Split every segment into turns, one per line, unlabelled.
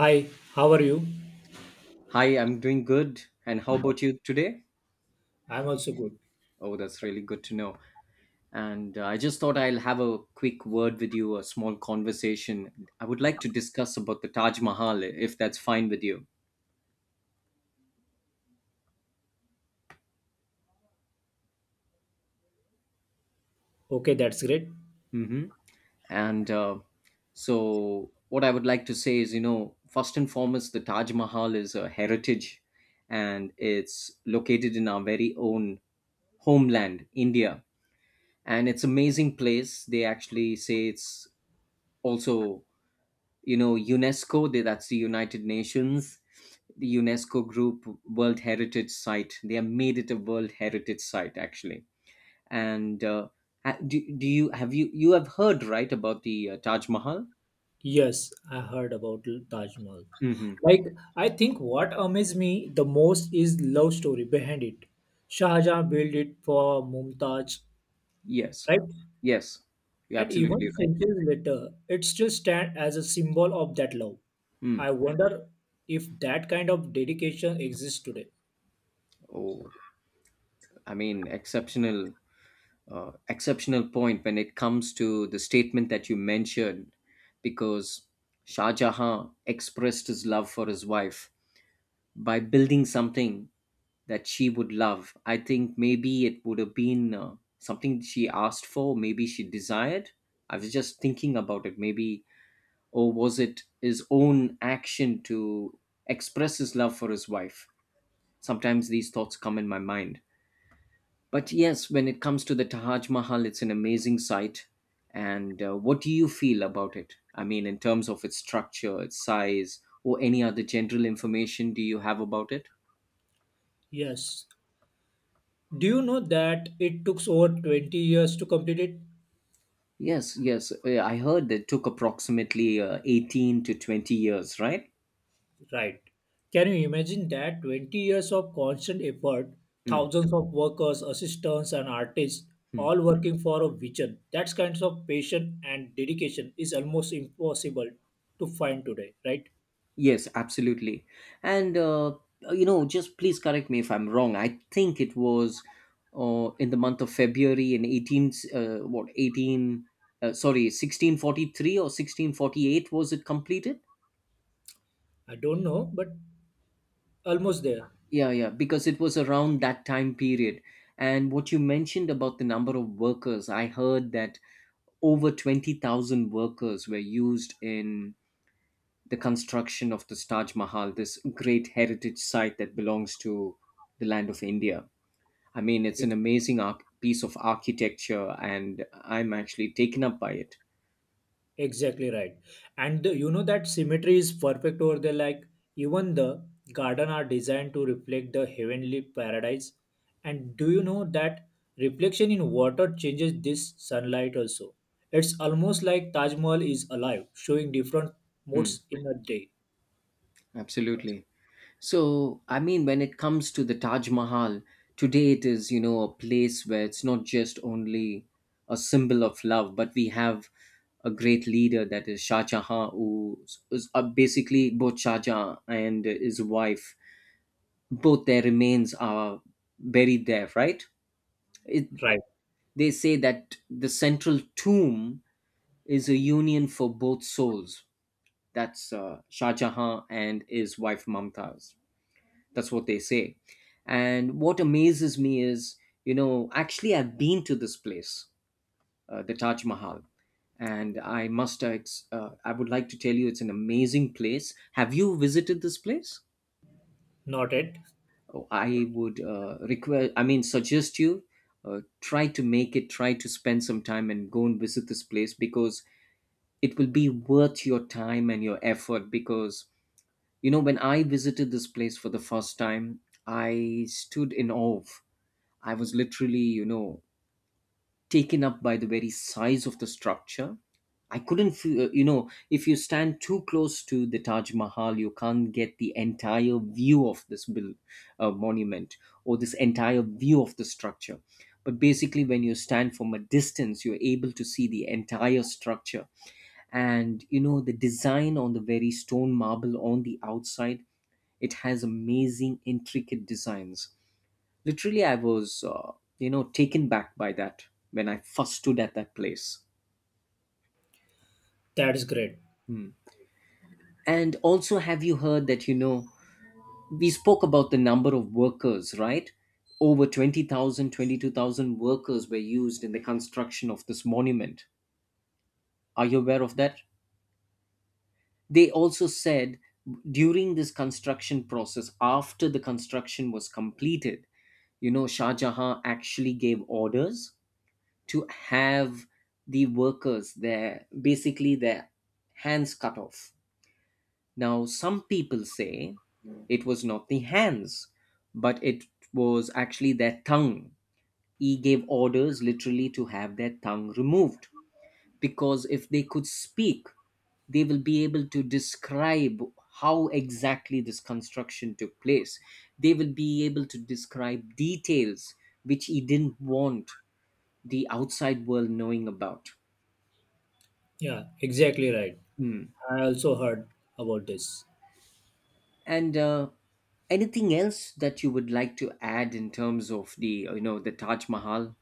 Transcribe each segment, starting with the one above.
Hi, how are you?
Hi, I'm doing good. And how about you today?
I'm also good.
Oh, that's really good to know. And I just thought I'll have a quick word with you, a small conversation. I would like to discuss about the Taj Mahal, if that's fine with you.
Okay, that's great.
Hmm. And what I would like to say is, you know, first and foremost, the Taj Mahal is a heritage and it's located in our very own homeland, India. And it's amazing place. They actually say it's also, you know, UNESCO that's the United Nations, the UNESCO group, world heritage site. They have made it a world heritage site actually. And do you have you you have heard right about the Taj Mahal?
Yes, I heard about Taj Mahal.
Hmm.
Like, I think what amazed me the most is love story behind it. Shah Jahan built it for Mumtaz,
Yes,
right?
yes, you're
And
absolutely
even
right.
centuries later, it still stands as a symbol of that love.
Mm.
I wonder if that kind of dedication exists today.
Oh, I mean exceptional, exceptional point when it comes to the statement that you mentioned, because Shah Jahan expressed his love for his wife by building something that she would love. I think maybe it would have been something she asked for, maybe she desired. I was just thinking about it. Maybe, or was it his own action to express his love for his wife? Sometimes these thoughts come in my mind. But yes, when it comes to the Taj Mahal, it's an amazing sight. And what do you feel about it? I mean, in terms of its structure, its size, or any other general information do you have about it?
Yes. Do you know that it took over 20 years to complete it?
Yes, yes. I heard that took approximately 18 to 20 years, right?
Right. Can you imagine that 20 years of constant effort,
Mm,
thousands of workers, assistants, and artists
mm.
all working for a vision? That kinds of passion and dedication is almost impossible to find today, right?
Yes, absolutely. And, you know, just please correct me if I'm wrong. I think it was in the month of February in 18, sorry, 1643 or 1648, was it completed?
I don't know, but almost there.
Yeah, yeah, because it was around that time period. And what you mentioned about the number of workers, I heard that over 20,000 workers were used in the construction of this Taj Mahal, this great heritage site that belongs to the land of India. I mean, it's an amazing piece of architecture, and I'm actually taken up by it.
Exactly right. And the, you know that symmetry is perfect over there. Like even the garden are designed to reflect the heavenly paradise. And do you know that reflection in water changes this sunlight also? It's almost like Taj Mahal is alive, showing different
Hmm,
moods in a day.
absolutely. So, I mean, when it comes to the Taj Mahal, today it is, you know, a place where it's not just only a symbol of love, but we have a great leader that is Shah Jahan, who is basically, both Shah Jahan and his wife, both their remains are buried there, right? It,
Right.
they say that the central tomb is a union for both souls. That's Shah Jahan and his wife Mumtaz. That's what they say. And what amazes me is, you know, actually, I've been to this place, the Taj Mahal, and I must, I would like to tell you it's an amazing place. Have you visited this place?
Not it.
I would request, I mean, suggest you try to make it, try to spend some time and go and visit this place, because it will be worth your time and your effort. Because, you know, when I visited this place for the first time, I stood in awe. I was literally, you know, taken up by the very size of the structure. I couldn't feel, you know, if you stand too close to the Taj Mahal, you can't get the entire view of this monument, or this entire view of the structure. But basically, when you stand from a distance, you're able to see the entire structure. And, you know, the design on the very stone marble on the outside, it has amazing, intricate designs. Literally, I was, you know, taken back by that when I first stood at that place.
That's great.
Hmm. And also, have you heard that, you know, we spoke about the number of workers, right? Over 20,000, 22,000 workers were used in the construction of this monument. Are you aware of that? They also said during this construction process, after the construction was completed, you know, Shah Jahan actually gave orders to have the workers, their basically their hands cut off. Now some people say it was not the hands, but it was actually their tongue. He gave orders literally to have their tongue removed, because if they could speak, they will be able to describe how exactly this construction took place. They will be able to describe details which he didn't want the outside world knowing about.
Yeah, exactly right.
Hmm.
I also heard about this.
And anything else that you would like to add in terms of the, you know, the Taj Mahal?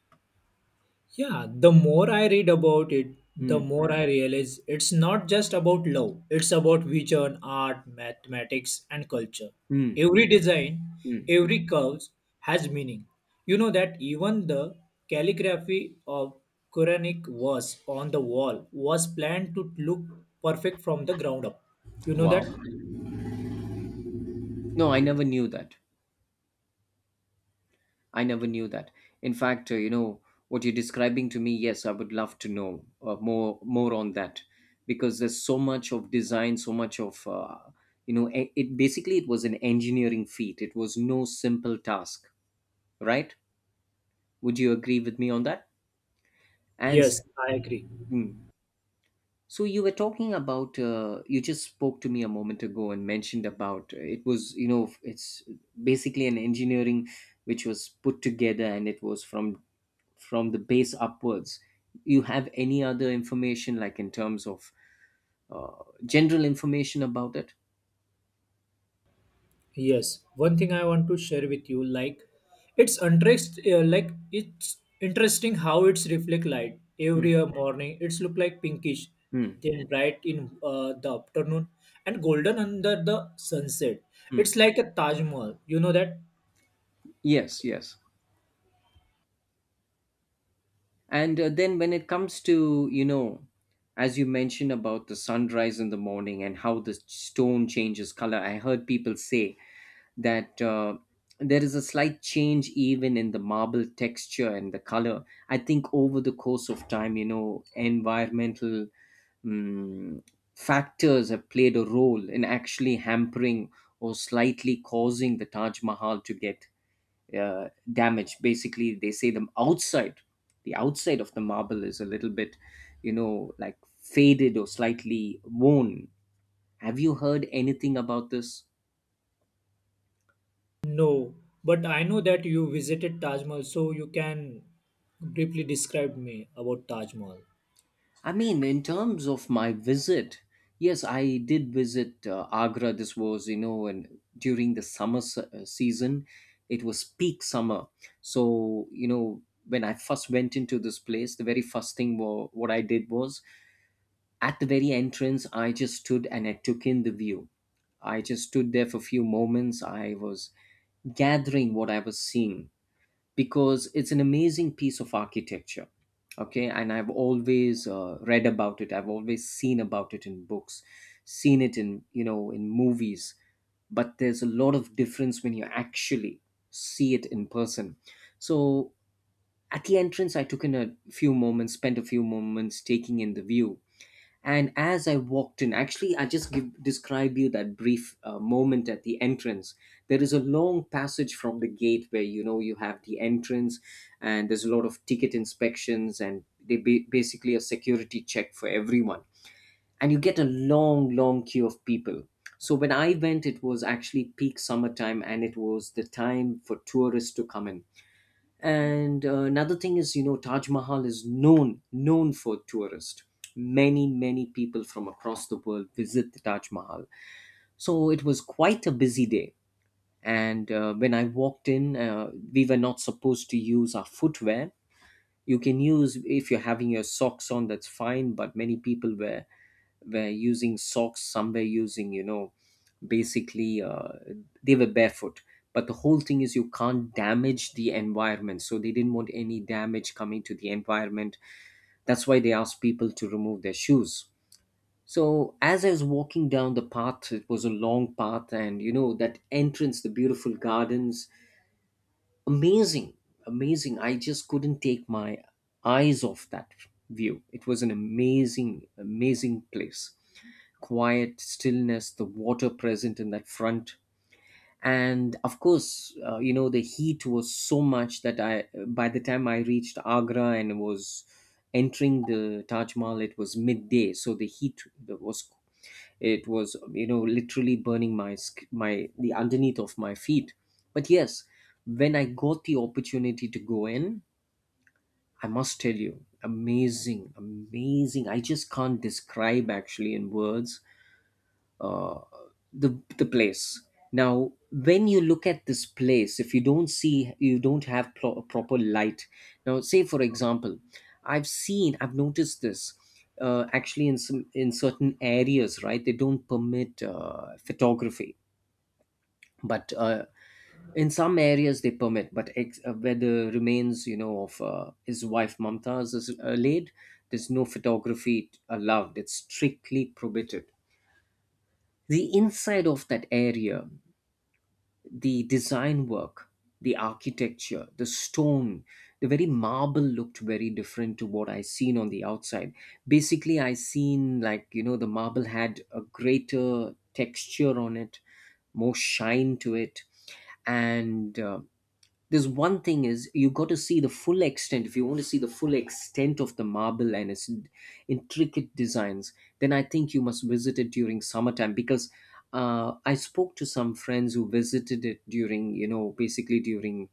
Yeah, the more I read about it, the
Hmm.
more I realize it's not just about love, it's about vision, art, mathematics, and culture.
Hmm.
Every design,
Hmm.
every curve has meaning. You know that even the calligraphy of Quranic verse on the wall was planned to look perfect from the ground up. You know that?
Wow. No, I never knew that. I never knew that. In fact, you know, what you're describing to me, yes, I would love to know more on that, because there's so much of design, so much of, you know, it basically it was an engineering feat. It was no simple task, right? Would you agree with me on that? And
Yes,
s-
I agree.
mm. So you were talking about, you just spoke to me a moment ago and mentioned about, it was, you know, it's basically an engineering which was put together, and it was from the base upwards. You have any other information like in terms of general information about it?
Yes, one thing I want to share with you, like like it's interesting how it's reflect light
Hmm.
every morning. It's look like pinkish,
Hmm.
then bright in the afternoon and golden under the sunset.
Hmm.
It's like a Taj Mahal. You know that?
Yes, yes. And then when it comes to, you know, as you mentioned about the sunrise in the morning and how the stone changes color, I heard people say that there is a slight change even in the marble texture and the color. I think over the course of time, you know, environmental um, factors have played a role in actually hampering or slightly causing the Taj Mahal to get damaged. Basically, they say the outside, of the marble is a little bit, you know, like faded or slightly worn. Have you heard anything about this?
No, but I know that you visited Taj Mahal, so you can briefly describe me about Taj Mahal.
I mean, in terms of my visit, yes, I did visit Agra. This was, you know, and during the season, it was peak summer. So, you know, when I first went into this place, the very first thing what I did was at the very entrance, I just stood and I took in the view. I just stood there for a few moments. I was gathering what I was seeing, because it's an amazing piece of architecture. Okay, and I've always read about it, I've always seen about it in books, seen it in, you know, in movies, but there's a lot of difference when you actually see it in person. So at the entrance, I took in a few moments, spent a few moments taking in the view. And as I walked in, actually, describe you that brief moment at the entrance. There is a long passage from the gate where, you know, you have the entrance, and there's a lot of ticket inspections, and they basically a security check for everyone. And you get a long, long queue of people. So when I went, it was actually peak summertime, and it was the time for tourists to come in. And another thing is, you know, Taj Mahal is known for tourists. Many people from across the world visit the Taj Mahal. So it was quite a busy day. And when I walked in, we were not supposed to use our footwear. You can use if you're having your socks on, that's fine. But many people were using socks, some were using, you know, basically they were barefoot. But the whole thing is you can't damage the environment, so they didn't want any damage coming to the environment. That's why they asked people to remove their shoes. So as I was walking down the path, it was a long path, and you know that entrance, the beautiful gardens, amazing, amazing. I just couldn't take my eyes off that view. It was an amazing, amazing place. Quiet stillness, the water present in that front. And of course, you know, the heat was so much that I, by the time I reached Agra and was entering the Taj Mahal, it was midday. So the heat was, it was, you know, literally burning my, my, the underneath of my feet. But yes, when I got the opportunity to go in, I must tell you, amazing, amazing. I just can't describe actually in words, uh, the place. Now when you look at this place, if you don't see you don't have proper light. Now say for example, I've noticed this, actually in some in certain areas, right, they don't permit photography. But in some areas they permit, but where the remains, you know, of his wife Mumtaz is laid, there's no photography allowed. It's strictly prohibited, the inside of that area. The design work, the architecture, the stone, the very marble looked very different to what I seen on the outside. Basically, I seen, like, you know, the marble had a greater texture on it, more shine to it. And there's one thing, is you got to see the full extent. If you want to see the full extent of the marble and its intricate designs, then I think you must visit it during summertime, because I spoke to some friends who visited it during, you know, basically during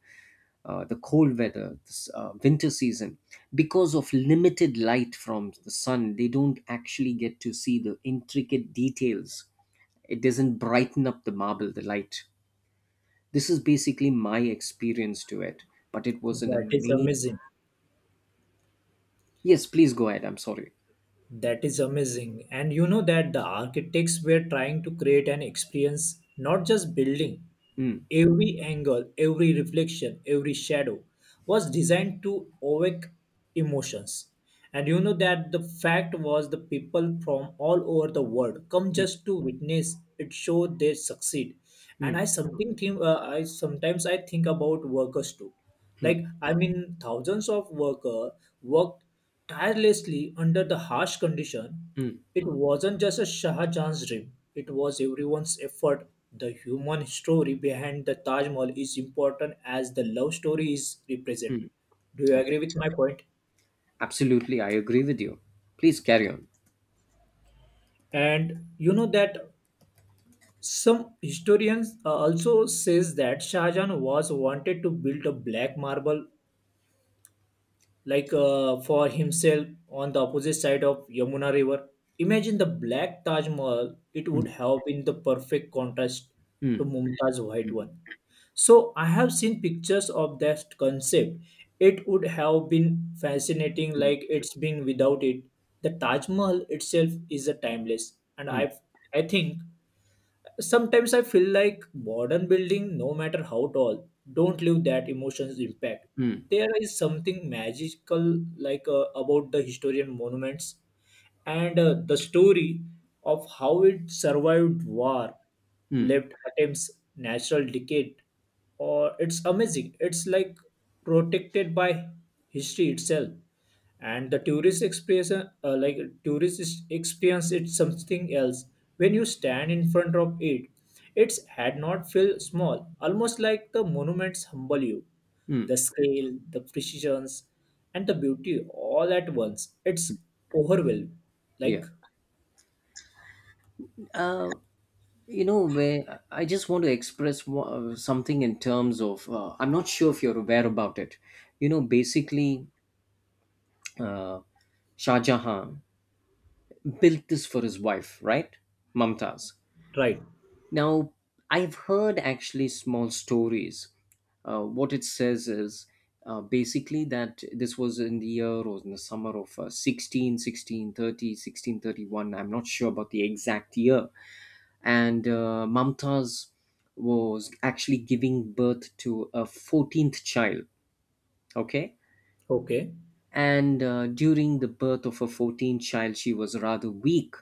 the cold weather, this winter season. Because of limited light from the sun, they don't actually get to see the intricate details. It doesn't brighten up the marble, the light. This is basically my experience to it, but it was an
That is
amazing.
amazing.
Yes, please go ahead. I'm sorry.
That is amazing. And you know that the architects were trying to create an experience, not just building.
Mm,
Every angle, every reflection, every shadow was designed to awake emotions. And you know that the fact was the people from all over the world come just to witness it show they succeed. And
mm,
I sometimes I think about workers too.
mm,
Like I mean, thousands of worker worked tirelessly under the harsh condition,
mm.
it wasn't just a Shah Jahan's dream, it was everyone's effort. The human story behind the Taj Mahal is important as the love story is represented. Do you
Okay,
agree with my point?
absolutely, I agree with you. Please carry on.
And you know that some historians also says that Shah Jahan was wanted to build a black marble like for himself on the opposite side of Yamuna River. Imagine the black Taj Mahal, it would
Mm,
have been the perfect contrast to
mm,
Mumtaz's white one. So I have seen pictures of that concept. It would have been fascinating
mm,
like it's being without it. The Taj Mahal itself is a timeless and
mm,
I think sometimes I feel like modern building, no matter how tall, don't leave that emotions impact.
mm,
There is something magical, like about the historian monuments and the story of how it survived war,
mm,
lived attempts, natural decay, or it's amazing. It's like protected by history itself, and the tourist experience like experience it's something else. When you stand in front of it, its had not feel small, almost like the monuments humble you. The
mm.
scale, the precisions, and the beauty all at once, it's overwhelming, like
Yeah. Uh, you know, where I just want to express something in terms of, I'm not sure if you're aware about it. You know, basically, uh, Shah Jahan built this for his wife, right? Mumtaz.
right.
Now, I've heard actually small stories. What it says is basically that this was in the year or in the summer of 16, 1630, 1631. I'm not sure about the exact year. And Mumtaz was actually giving birth to a 14th child. Okay.
Okay,
And during the birth of her 14th child, she was rather weak.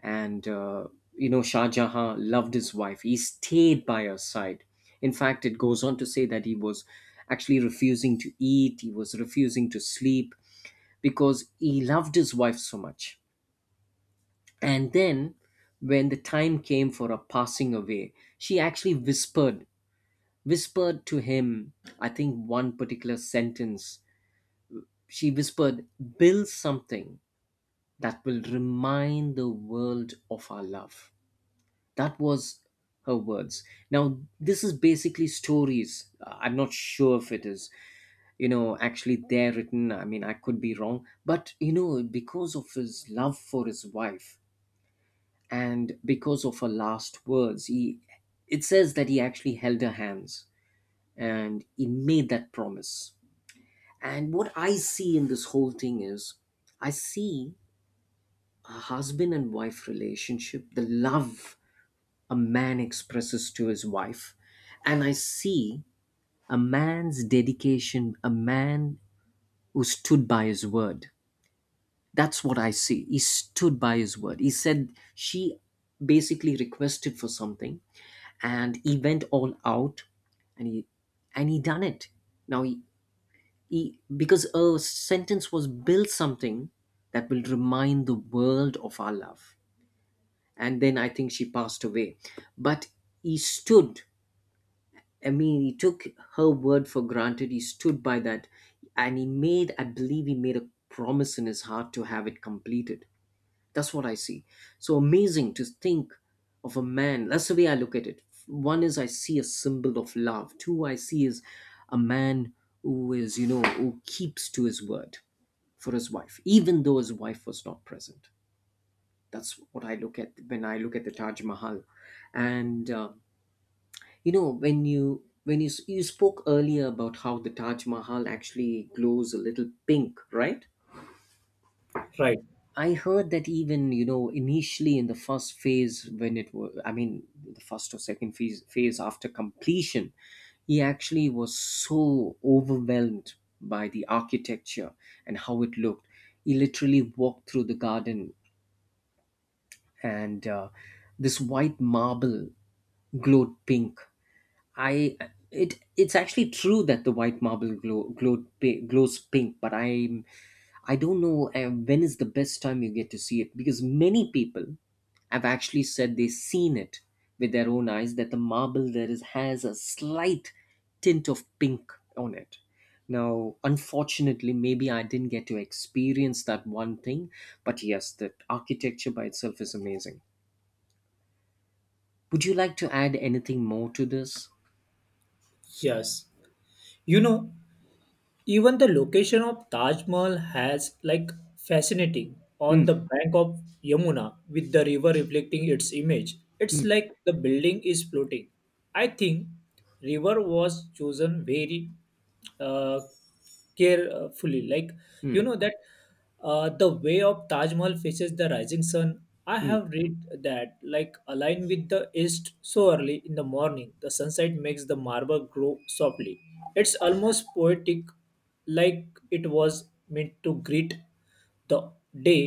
And you know, Shah Jahan loved his wife, he stayed by her side. In fact, it goes on to say that he was actually refusing to eat, he was refusing to sleep, because he loved his wife so much. And then when the time came for her passing away, she actually whispered to him, I think, one particular sentence. She whispered, build something that will remind the world of our love. That was her words. Now, this is basically stories. I'm not sure if it is, you know, actually there written. I mean, I could be wrong. But, you know, because of his love for his wife, and because of her last words, it says that he actually held her hands and he made that promise. And what I see in this whole thing is, I see husband and wife relationship, the love a man expresses to his wife. And I see a man's dedication, a man who stood by his word. That's what I see. He stood by his word. He said she basically requested for something, and he went all out, and he done it. Now, he because a sentence was build something that will remind the world of our love, and then I think she passed away. But he stood, I mean, he took her word for granted. He stood by that, and he made, I believe, he made a promise in his heart to have it completed. That's what I see. So amazing to think of a man. That's the way I look at it. One is, I see a symbol of love. Two, I see is a man who is, you know, who keeps to his word for his wife, even though his wife was not present. That's what I look at when I look at the Taj Mahal. And you know, when you you spoke earlier about how the Taj Mahal actually glows a little pink, right?
right.
I heard that even, you know, initially in the first phase when it was, I mean, the first or second phase after completion, he actually was so overwhelmed by the architecture and how it looked. He literally walked through the garden, and this white marble glowed pink. I it it's actually true that the white marble glows pink, but I don't know when is the best time you get to see it, because many people have actually said they've seen it with their own eyes that the marble there is has a slight tint of pink on it. Now, unfortunately, maybe I didn't get to experience that one thing, but yes, the architecture by itself is amazing. Would you like to add anything more to this?
Yes, you know, even the location of Taj Mahal has like fascinating
Hmm.
on the bank of Yamuna with the river reflecting its image. It's
Mm,
like the building is floating. I think river was chosen very uh, carefully, like you
mm,
know that the way of Taj Mahal faces the rising sun. I
mm,
have read that like align with the east, so early in the morning the sunset makes the marble grow softly. It's almost poetic, like it was meant to greet the day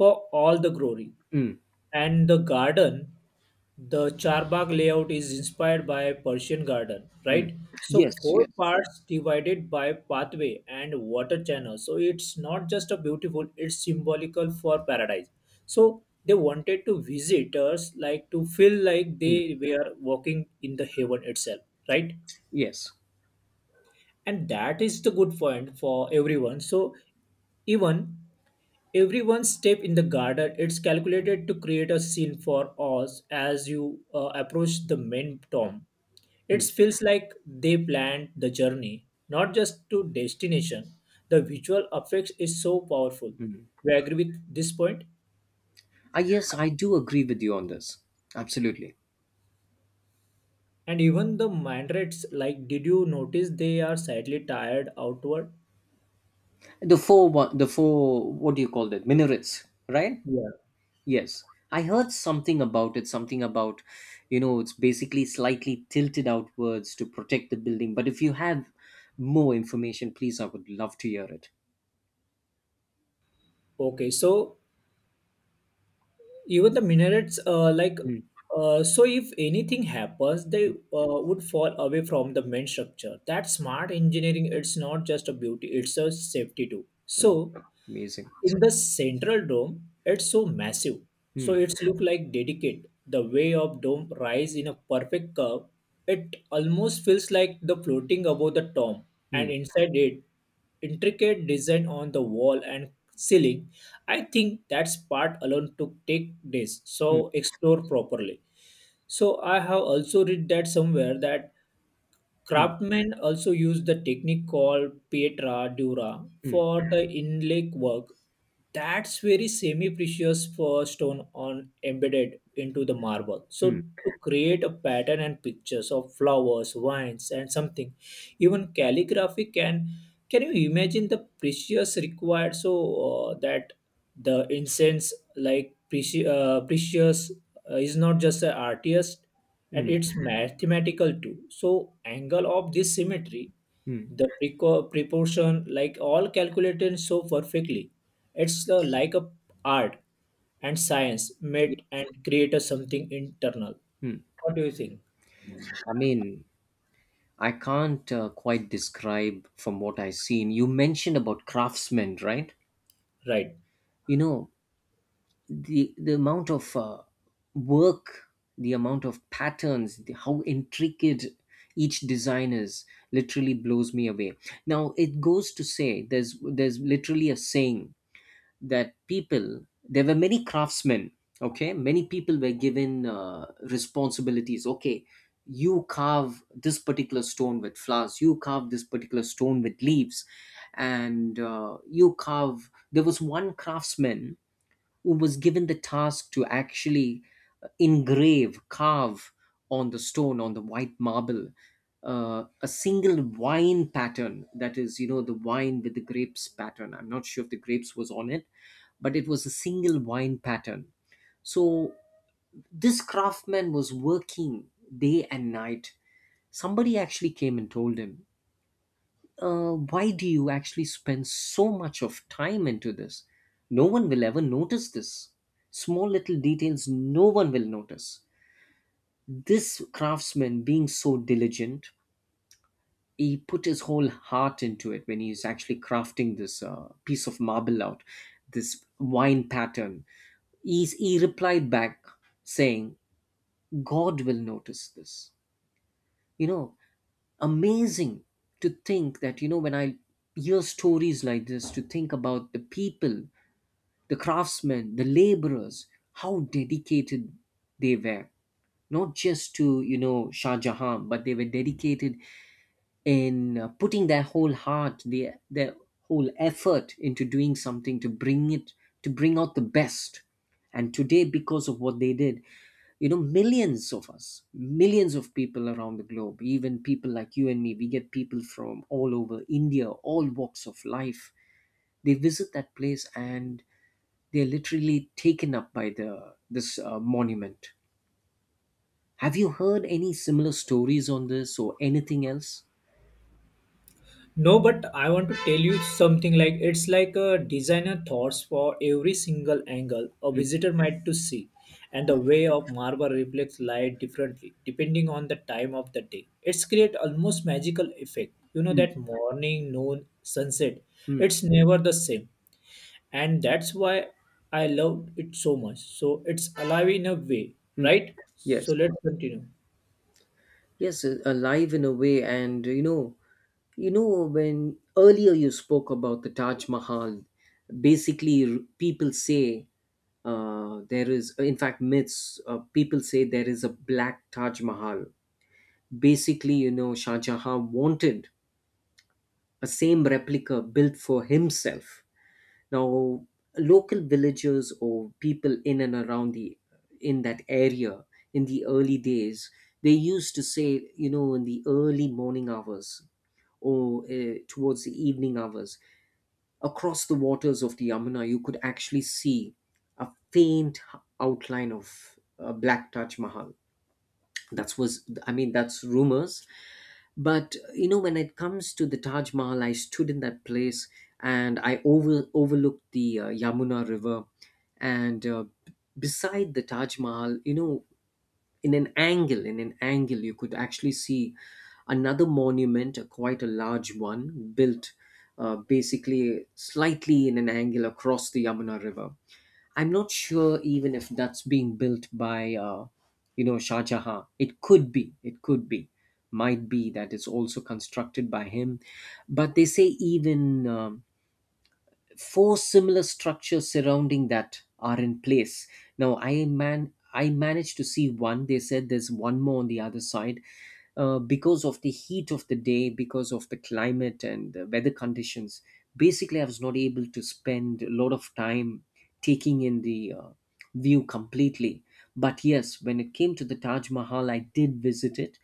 for all the glory.
mm,
And the garden, the Charbagh layout is inspired by Persian garden,
mm.
right? So
Yes,
four parts divided by pathway and water channel. So it's not just a beautiful, it's symbolical for paradise. So they wanted to visitors like to feel like
mm,
they were walking in the heaven itself, right?
yes.
And that is the good point for everyone. So even everyone's step in the garden it's calculated to create a scene for us, as you approach the main tomb, it
Mm,
feels like they planned the journey, not just to destination. The visual effects is so powerful.
mm.
We agree with this point?
I Yes, I do agree with you on this. Absolutely.
And even the mind rates, like, did you notice they are slightly tired outward?
The four, what do you call that? Minarets, right?
Yeah.
Yes. I heard something about it, something about, you know, it's basically slightly tilted outwards to protect the building. But if you have more information, please, I would love to hear it.
Okay, so even the minarets,
Mm,
so if anything happens, they
mm,
would fall away from the main structure. That smart engineering, it's not just a beauty, it's a safety too.
um,
So
amazing.
in the central dome it's so massive, so
Mm,
it's look like dedicate the way of dome rise in a perfect curve, it almost feels like the floating above the tomb. And
mm,
inside it, intricate design on the wall and ceiling, I think that's part alone took take days so
mm,
explore properly. So I have also read that somewhere that
mm,
craftsmen also used the technique called pietra dura
mm,
for the inlay work. That's very semi-precious for stone on embedded into the marble. So
mm,
to create a pattern and pictures of flowers, vines, and something, even calligraphy can. Can you imagine the precious required so that the incense like precious is not just an artist, and
mm,
it's mathematical too. So angle of this symmetry,
mm,
the proportion, like all calculated so perfectly, it's like a art and science
yeah,
met and create a something internal.
mm.
What do you think?
I mean, I can't quite describe from what I've seen. You mentioned about craftsmen, right?
Right.
You know, the amount of work, the amount of patterns, the, how intricate each design is, literally blows me away. Now it goes to say there's literally a saying that people, there were many craftsmen, okay, many people were given responsibilities, okay. You carve this particular stone with flowers, you carve this particular stone with leaves. And you carve, there was one craftsman who was given the task to actually engrave carve on the stone, on the white marble, a single wine pattern. That is, you know, the wine with the grapes pattern. I'm not sure if the grapes was on it, but it was a single wine pattern. So this craftsman was working day and night. Somebody actually came and told him, why do you actually spend so much of time into this? No one will ever notice this. Small little details, no one will notice. This craftsman, being so diligent, he put his whole heart into it when he's actually crafting this piece of marble out, this wine pattern. He replied back saying, God will notice this. You know, amazing to think that, you know, when I hear stories like this, to think about the people, the craftsmen, the laborers, how dedicated they were. Not just to, you know, Shah Jahan, but they were dedicated in putting their whole heart, their whole effort into doing something to bring it, to bring out the best. And today, because of what they did, you know, millions of us, millions of people around the globe, even people like you and me, we get people from all over India, all walks of life, they visit that place, and they're literally taken up by the this monument. Have you heard any similar stories on this or anything else?
No, but I want to tell you something, like it's like a designer thoughts for every single angle a
Mm,
visitor might to see, and the way of marble reflects light differently depending on the time of the day. It's create almost magical effect. You know
mm,
that morning, noon, sunset.
mm,
It's never the same, and that's why I love it so much. So it's alive in a way,
mm.
right? So
Yes.
let's continue.
Yes, alive in a way. And you know, when earlier you spoke about the Taj Mahal, basically people say there is, in fact, myths. People say there is a black Taj Mahal. Basically, you know, Shah Jahan wanted a same replica built for himself. Now, local villagers or people in and around the in that area, in the early days, they used to say, you know, in the early morning hours or towards the evening hours, across the waters of the Yamuna, you could actually see a faint outline of black Taj Mahal. That was, I mean, that's rumors, but you know, when it comes to the Taj Mahal, I stood in that place, and I overlooked the Yamuna River. And beside the Taj Mahal, you know, in an angle, you could actually see another monument, a quite a large one, built basically slightly in an angle across the Yamuna River. I'm not sure even if that's being built by, you know, Shah Jahan. It could be. It could be. Might be that it's also constructed by him. But they say even four similar structures surrounding that are in place. Now, I managed to see one. They said there's one more on the other side. Because of the heat of the day, because of the climate and the weather conditions, basically, I was not able to spend a lot of time taking in the view completely. But yes, when it came to the Taj Mahal, I did visit it,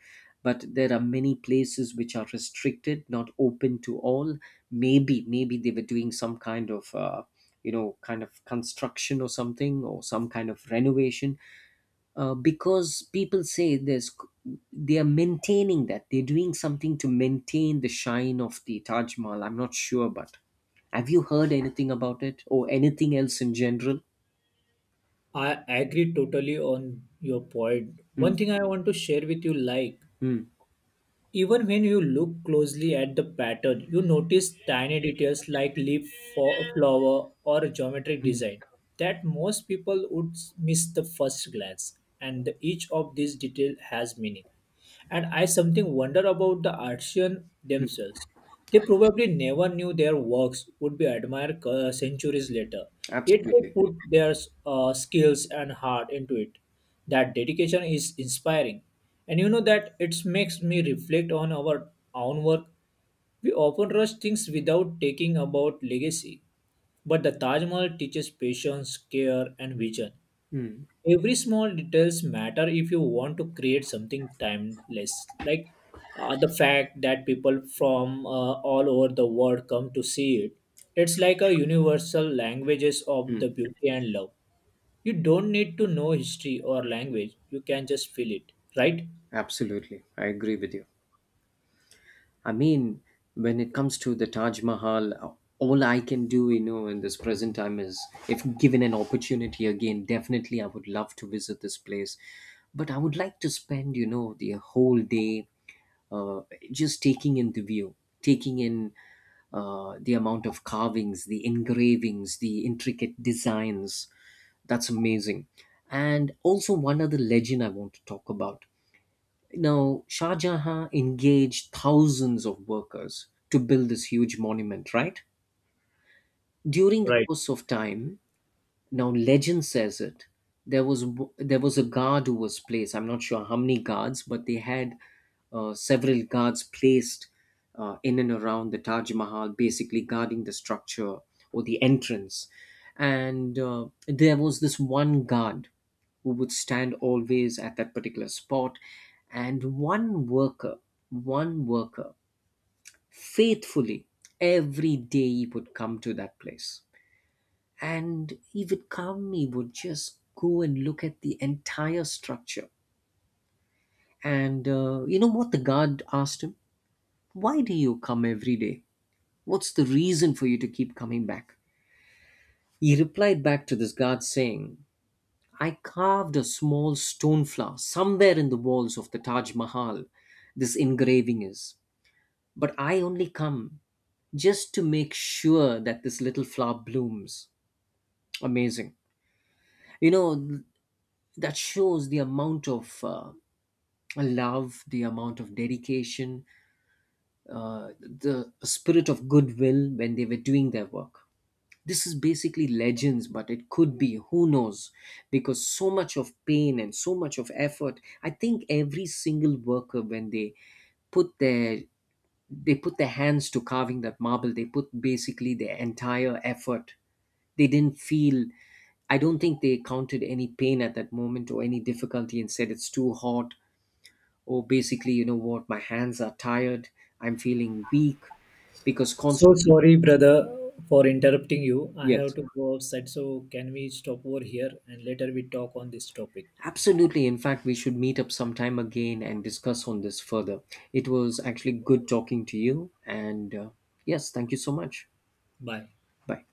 but there are many places which are restricted, not open to all. Maybe they were doing some kind of you know, kind of construction or something, or some kind of renovation, because people say there's they are maintaining, that they're doing something to maintain the shine of the Taj Mahal. I'm not sure. But have you heard anything about it or anything else in general?
I agree totally on your point.
Mm,
One thing I want to share with you, like
mm,
even when you look closely at the pattern, you notice tiny details like flower or geometric
mm,
design that most people would miss the first glance, and each of these detail has meaning. And I something wonder about the artisans
mm.
themselves. They probably never knew their works would be admired centuries later. Yet they
Absolutely.
put their skills and heart into it. That dedication is inspiring. And you know that it makes me reflect on our own work. We often rush things without taking about legacy. But the Taj Mahal teaches patience, care, and vision.
Mm,
Every small details matter if you want to create something timeless, like the fact that people from all over the world come to see it, it's like a universal languages of
mm,
the beauty and love. You don't need to know history or language, you can just feel it, right?
absolutely. I agree with you. I mean, when it comes to the Taj Mahal, all I can do, you know, in this present time is, if given an opportunity again, definitely I would love to visit this place. But I would like to spend, you know, the whole day uh, just taking in the view, taking in the amount of carvings, the engravings, the intricate designs. That's amazing. And also, one other legend I want to talk about. Now, Shah Jahan engaged thousands of workers to build this huge monument, right? During the
Right.
course of time, now, legend says it. There was a guard who was placed. I'm not sure how many guards, but they had several guards placed in and around the Taj Mahal, basically guarding the structure or the entrance. And there was this one guard who would stand always at that particular spot. And one worker, faithfully every day he would come to that place, and he would come. He would just go and look at the entire structure. And you know what the guard asked him? Why do you come every day? What's the reason for you to keep coming back? He replied back to this guard saying, I carved a small stone flower somewhere in the walls of the Taj Mahal. This engraving is, but I only come just to make sure that this little flower blooms. Amazing. You know, that shows the amount of love, the amount of dedication, the spirit of goodwill when they were doing their work. This is basically legends, but it could be, who knows? Because so much of pain and so much of effort, I think every single worker, when put their they put their hands to carving that marble, they put basically their entire effort. They didn't feel, I don't think they counted any pain at that moment or any difficulty and said it's too hot. Oh, basically, you know what, my hands are tired, I'm feeling weak, because
So
constantly.
sorry, brother, for interrupting you. I have
Yes,
to go outside, so can we stop over here and later we talk on this topic?
absolutely. In fact, we should meet up sometime again and discuss on this further. It was actually good talking to you, and yes, thank you so much.
Bye.
Bye.